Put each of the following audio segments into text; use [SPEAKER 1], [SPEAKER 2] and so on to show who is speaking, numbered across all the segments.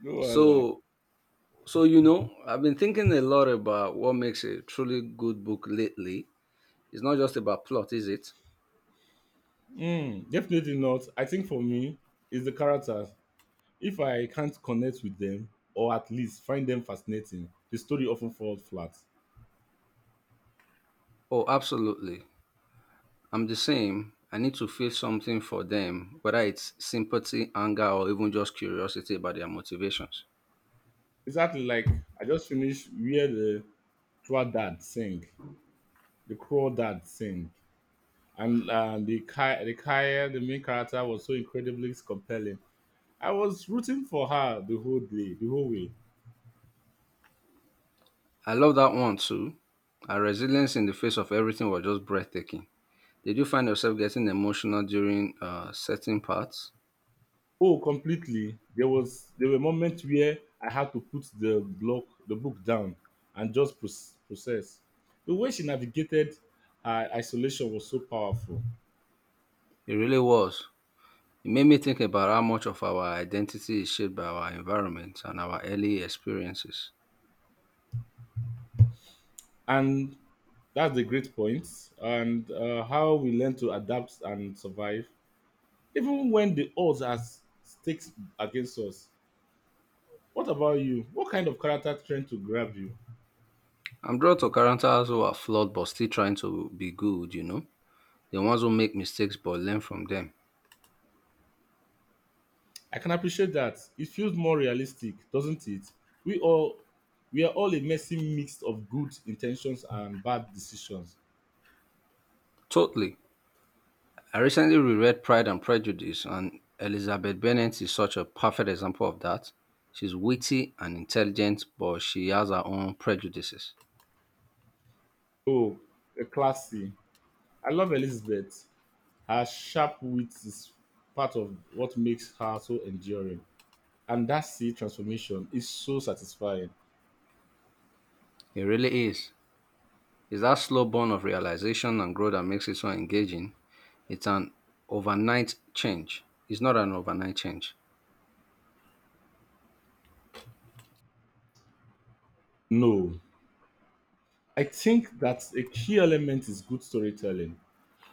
[SPEAKER 1] No wahala.
[SPEAKER 2] So, so, I've been thinking a lot about what makes a truly good book lately. It's not just about plot, is it?
[SPEAKER 1] Mm, definitely not. I think for me, it's the characters. If I can't connect with them, or at least find them fascinating, the story often falls flat.
[SPEAKER 2] Oh, absolutely. I'm the same. I need to feel something for them, whether it's sympathy, anger, or even just curiosity about their motivations.
[SPEAKER 1] Exactly like I just finished Where the Crawdad sang, Crawdad Sang, and the Kaya, the main character was so incredibly compelling. I was rooting for her the whole way.
[SPEAKER 2] I love that one too. Our resilience in the face of everything was just breathtaking. Did you find yourself getting emotional during certain parts?
[SPEAKER 1] Oh, completely. There were moments where I had to put the book down and just process. The way she navigated her isolation was so powerful,
[SPEAKER 2] It really was. It made me think about how much of our identity is shaped by our environment and our early experiences.
[SPEAKER 1] and that's the great point. And how we learn to adapt and survive, even when the odds are stakes against us. What about you? What kind of character trend to grab you?
[SPEAKER 2] I'm drawn to characters who are flawed but still trying to be good, you know? The ones who make mistakes but learn from them.
[SPEAKER 1] I can appreciate that. It feels more realistic, doesn't it? We all we are all a messy mix of good intentions and bad decisions.
[SPEAKER 2] Totally. I recently reread Pride and Prejudice, and Elizabeth Bennet is such a perfect example of that. She's witty and intelligent, but she has her own prejudices.
[SPEAKER 1] Oh, a classy. I love Elizabeth. Her sharp wit is part of what makes her so enduring. And that sea transformation is so satisfying.
[SPEAKER 2] It really is. It's that slow burn of realization and growth that makes it so engaging. It's an It's not an overnight change.
[SPEAKER 1] No. I think that a key element is good storytelling.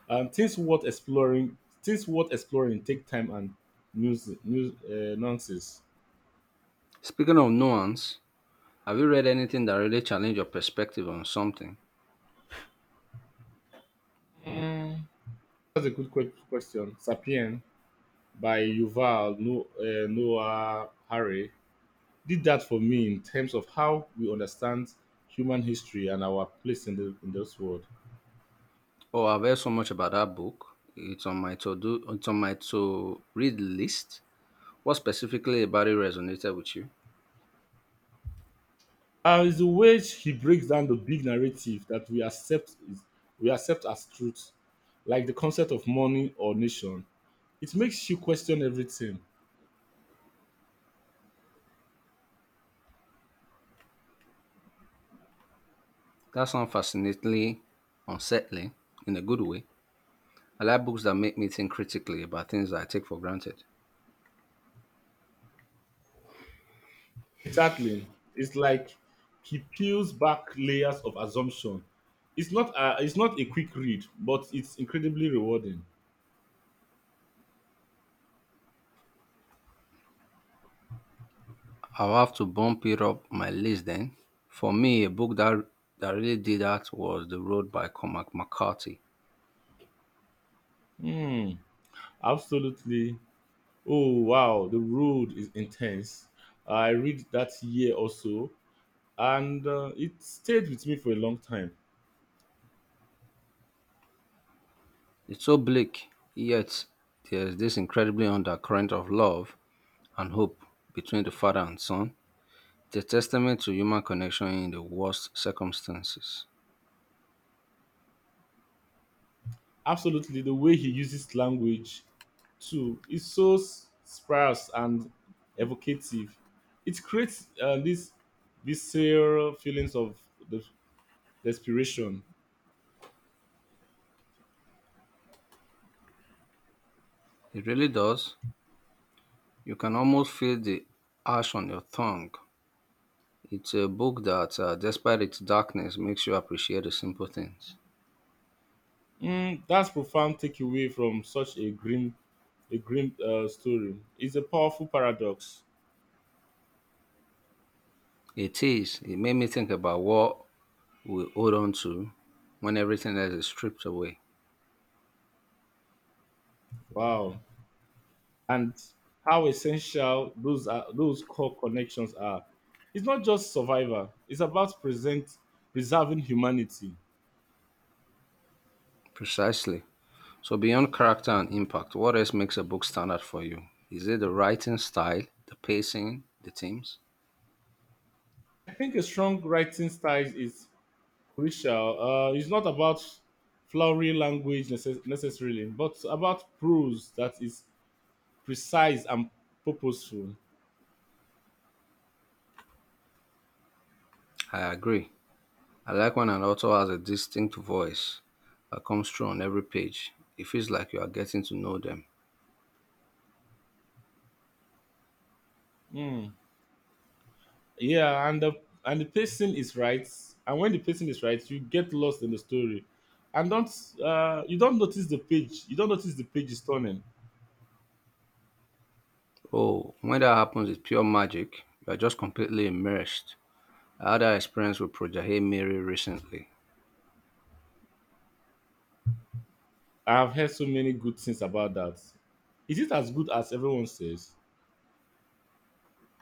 [SPEAKER 1] Things worth exploring, take time and news nonsense.
[SPEAKER 2] Speaking of nuance, have you read anything that really challenged your perspective on something?
[SPEAKER 1] That's a question. Sapien by Yuval no- Noah Harari did that for me in terms of how we understand human history and our place in this world.
[SPEAKER 2] Oh, I've heard so much about that book. It's on my to do. It's on my to read list. What specifically about it resonated with you?
[SPEAKER 1] It's the way he breaks down the big narrative that we accept as truth, like the concept of money or nation. It makes you question everything.
[SPEAKER 2] That sounds fascinatingly unsettling in a good way. I like books that make me think critically about things that I take for granted.
[SPEAKER 1] Exactly. It's like he peels back layers of assumption. It's not a quick read, but it's incredibly rewarding.
[SPEAKER 2] I'll have to bump it up my list then. For me, a book that really did that was The Road by Cormac McCarthy.
[SPEAKER 1] Hmm. Absolutely. Oh wow, The Road is intense. I read that year also, and it stayed with me for a long time.
[SPEAKER 2] It's so bleak, yet there's this incredibly undercurrent of love and hope between the father and son. It's a testament to human connection in the worst circumstances.
[SPEAKER 1] Absolutely, the way he uses language too is so sparse and evocative. It creates this visceral feelings of the desperation.
[SPEAKER 2] It really does. You can almost feel the ash on your tongue. It's a book that, despite its darkness, makes you appreciate the simple things.
[SPEAKER 1] Mm, that's profound takeaway from such a grim story. It's a powerful paradox.
[SPEAKER 2] It is. It made me think about what we hold on to when everything else is stripped away.
[SPEAKER 1] Wow, and how essential those are those core connections are. It's not just survivor. It's about present preserving humanity.
[SPEAKER 2] Precisely. So, beyond character and impact, what else makes a book stand out for you? Is it the writing style, the pacing, the themes?
[SPEAKER 1] I think a strong writing style is crucial. It's not about flowery language necessarily, but about prose that is precise and purposeful.
[SPEAKER 2] I agree. I like when an author has a distinct voice that comes through on every page. It feels like you are getting to know them.
[SPEAKER 1] Mm, yeah, and the pacing is right, and when the pacing is right you get lost in the story, and don't you don't notice the page you don't notice the page is turning.
[SPEAKER 2] Oh, when that happens, it's pure magic. You are just completely immersed. I had that experience with Projahei Miri recently.
[SPEAKER 1] I have heard so many good things about that. Is it as good as everyone says?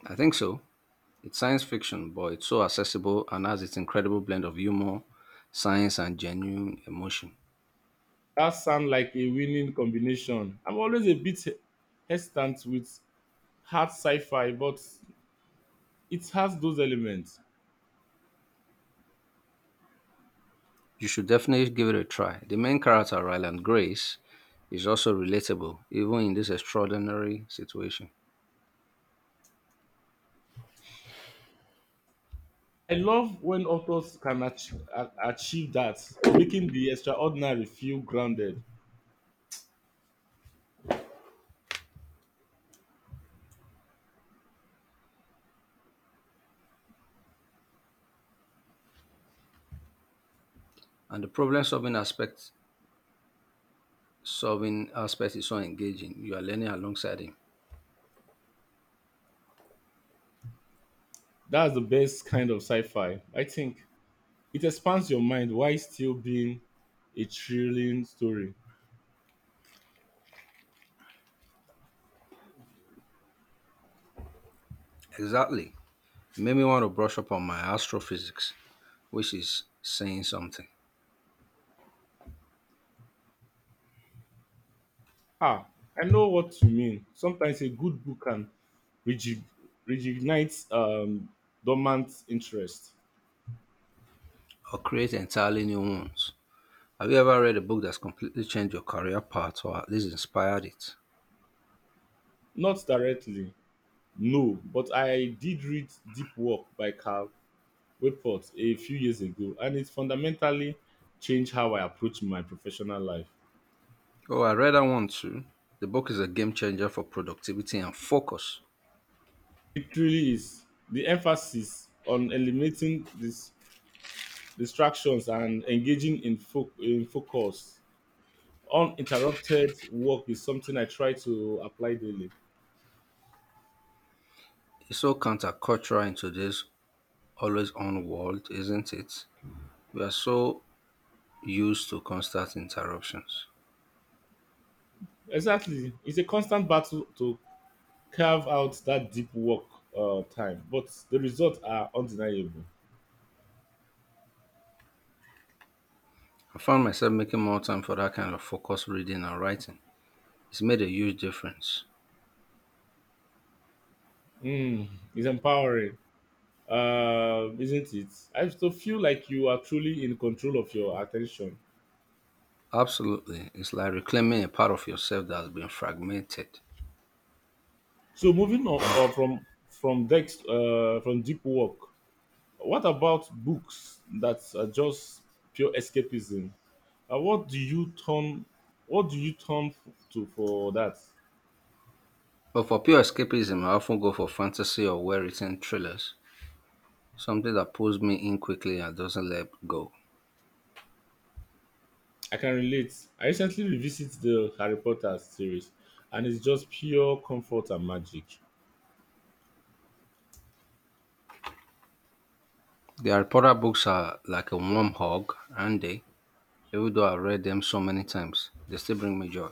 [SPEAKER 2] I think so. It's science fiction, but it's so accessible and has its incredible blend of humor, science, and genuine emotion.
[SPEAKER 1] That sound like a winning combination. I'm always a bit hesitant with hard sci-fi, but it has those elements.
[SPEAKER 2] You should definitely give it a try. The main character, Ryland Grace, is also relatable, even in this extraordinary situation.
[SPEAKER 1] I love when authors can achieve that, making the extraordinary feel grounded.
[SPEAKER 2] And the problem solving aspect is so engaging. You are learning alongside him.
[SPEAKER 1] That's the best kind of sci-fi. I think it expands your mind while still being a thrilling story.
[SPEAKER 2] Exactly. It made me want to brush up on my astrophysics, which is saying something,
[SPEAKER 1] Ah, I know what you mean. Sometimes a good book can rejig- reignite dormant interest.
[SPEAKER 2] or create entirely new ones. Have you ever read a book that's completely changed your career path or at least inspired it?
[SPEAKER 1] Not directly, no, but I did read Deep Work by Carl Wayport a few years ago, and it fundamentally changed how I approach my professional life.
[SPEAKER 2] Oh, I read that one too. The book is a game changer for productivity and focus.
[SPEAKER 1] It really is. The emphasis on eliminating this distractions and engaging in focus uninterrupted work is something I try to apply daily.
[SPEAKER 2] It's so countercultural in today's always on world, isn't it? We are so used to constant interruptions.
[SPEAKER 1] Exactly, it's a constant battle to carve out that deep work time, but the results are undeniable.
[SPEAKER 2] I found myself making more time for that kind of focused reading and writing. It's made a huge difference.
[SPEAKER 1] Mm, it's empowering, isn't it? I still feel like you are truly in control of your attention.
[SPEAKER 2] Absolutely. It's like reclaiming a part of yourself that has been fragmented.
[SPEAKER 1] So moving on, from Deep Work, what about books that are just pure escapism? Uh, what do you turn What do you turn to for that?
[SPEAKER 2] But for pure escapism, I often go for fantasy or well written thrillers. Something that pulls me in quickly and doesn't let go.
[SPEAKER 1] I can relate. I recently revisited the Harry Potter series, and it's just pure comfort and magic.
[SPEAKER 2] The Harry Potter books are like a warm hug, and they, even though I've read them so many times, they still bring me joy.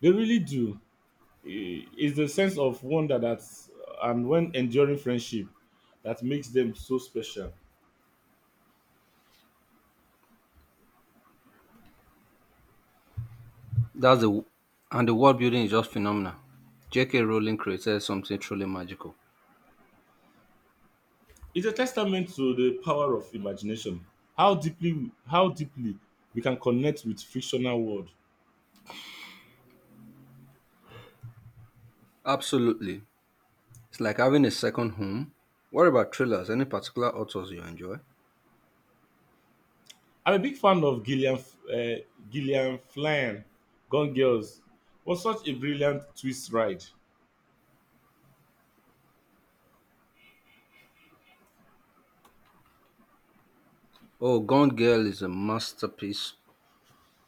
[SPEAKER 1] They really do. It's the sense of wonder that, and when enduring friendship, that makes them so special.
[SPEAKER 2] That's the and the world building is just phenomenal. J.K. Rowling created something truly magical.
[SPEAKER 1] It's a testament to the power of imagination. How deeply we can connect with fictional world.
[SPEAKER 2] Absolutely, it's like having a second home. What about thrillers? Any particular authors you enjoy?
[SPEAKER 1] I'm a big fan of uh, Gillian Flynn. Gone Girls was such a brilliant twist ride.
[SPEAKER 2] Oh, Gone Girl is a masterpiece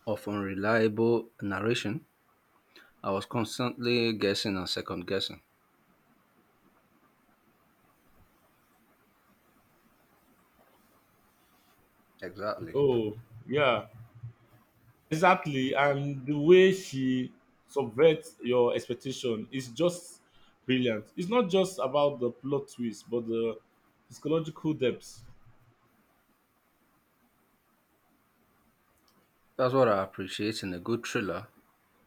[SPEAKER 2] of unreliable narration. I was constantly guessing and second guessing. Exactly.
[SPEAKER 1] Oh, yeah, exactly. And the way she subverts your expectation is just brilliant. It's not just about the plot twist, but the psychological depth.
[SPEAKER 2] That's what I appreciate in a good thriller.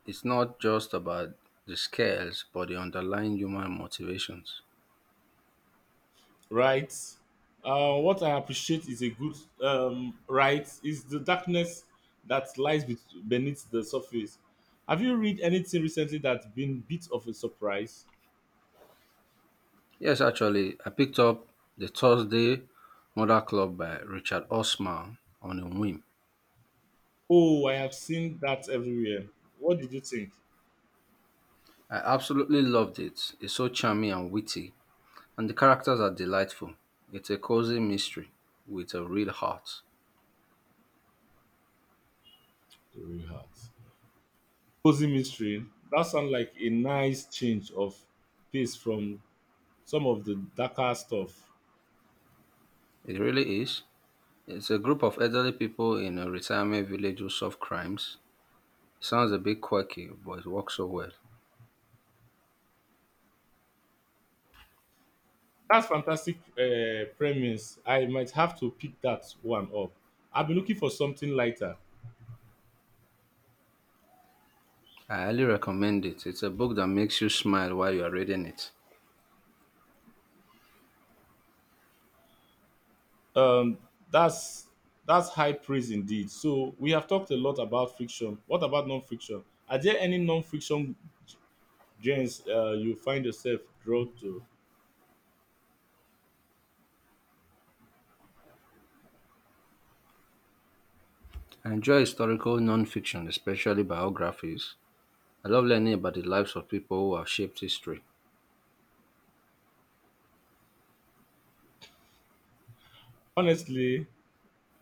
[SPEAKER 2] It's not just about the scares, but the underlying human motivations.
[SPEAKER 1] Right? What I appreciate is a good right is the darkness that lies beneath the surface. Have you read anything recently that's been bit of a surprise?
[SPEAKER 2] Yes, actually, I picked up The Thursday Murder Club by Richard Osman on a whim.
[SPEAKER 1] Oh, I have seen that everywhere. What did you think?
[SPEAKER 2] I absolutely loved it. It's so charming and witty, and the characters are delightful. It's a cozy mystery with a real heart.
[SPEAKER 1] The real heart. Cozy mystery. That sounds like a nice change of pace from some of the darker stuff.
[SPEAKER 2] It really is. It's a group of elderly people in a retirement village who solve crimes. It sounds a bit quirky, but it works so well.
[SPEAKER 1] That's fantastic premise. I might have to pick that one up. I've been looking for something lighter.
[SPEAKER 2] I highly recommend it. It's a book that makes you smile while you are reading it.
[SPEAKER 1] um that's high praise indeed. So we have talked a lot about friction, what about non-friction? Are there any non-friction gens you find yourself drawn to?
[SPEAKER 2] I enjoy historical nonfiction, especially biographies. I love learning about the lives of people who have shaped history.
[SPEAKER 1] Honestly,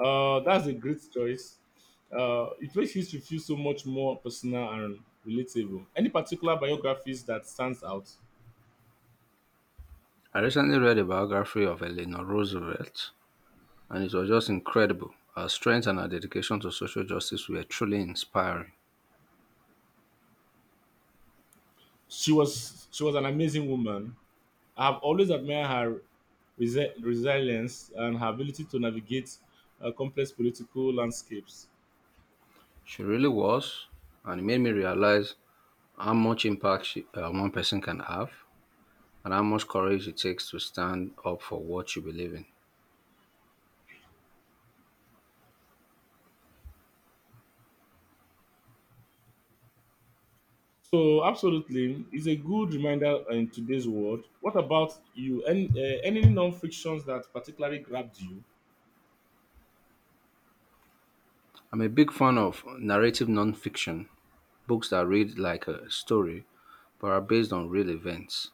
[SPEAKER 1] that's a great choice. It makes history feel so much more personal and relatable. Any particular biographies that stands out?
[SPEAKER 2] I recently read a biography of Eleanor Roosevelt, and it was just incredible. Her strength and her dedication to social justice were truly inspiring.
[SPEAKER 1] She was an amazing woman. I have always admired her resilience and her ability to navigate complex political landscapes.
[SPEAKER 2] She really was, and it made me realize how much impact one person can have and how much courage it takes to stand up for what you believe in.
[SPEAKER 1] So, absolutely, it's a good reminder in today's world. What about you? Any non-fictions that particularly grabbed you?
[SPEAKER 2] I'm a big fan of narrative nonfiction books that read like a story but are based on real events.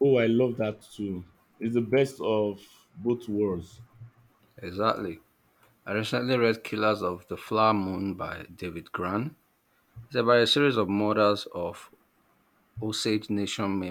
[SPEAKER 1] Oh, I love that too. It's the best of both worlds.
[SPEAKER 2] Exactly. I recently read Killers of the Flower Moon by David Gran. It's about a series of murders of Osage Nation members.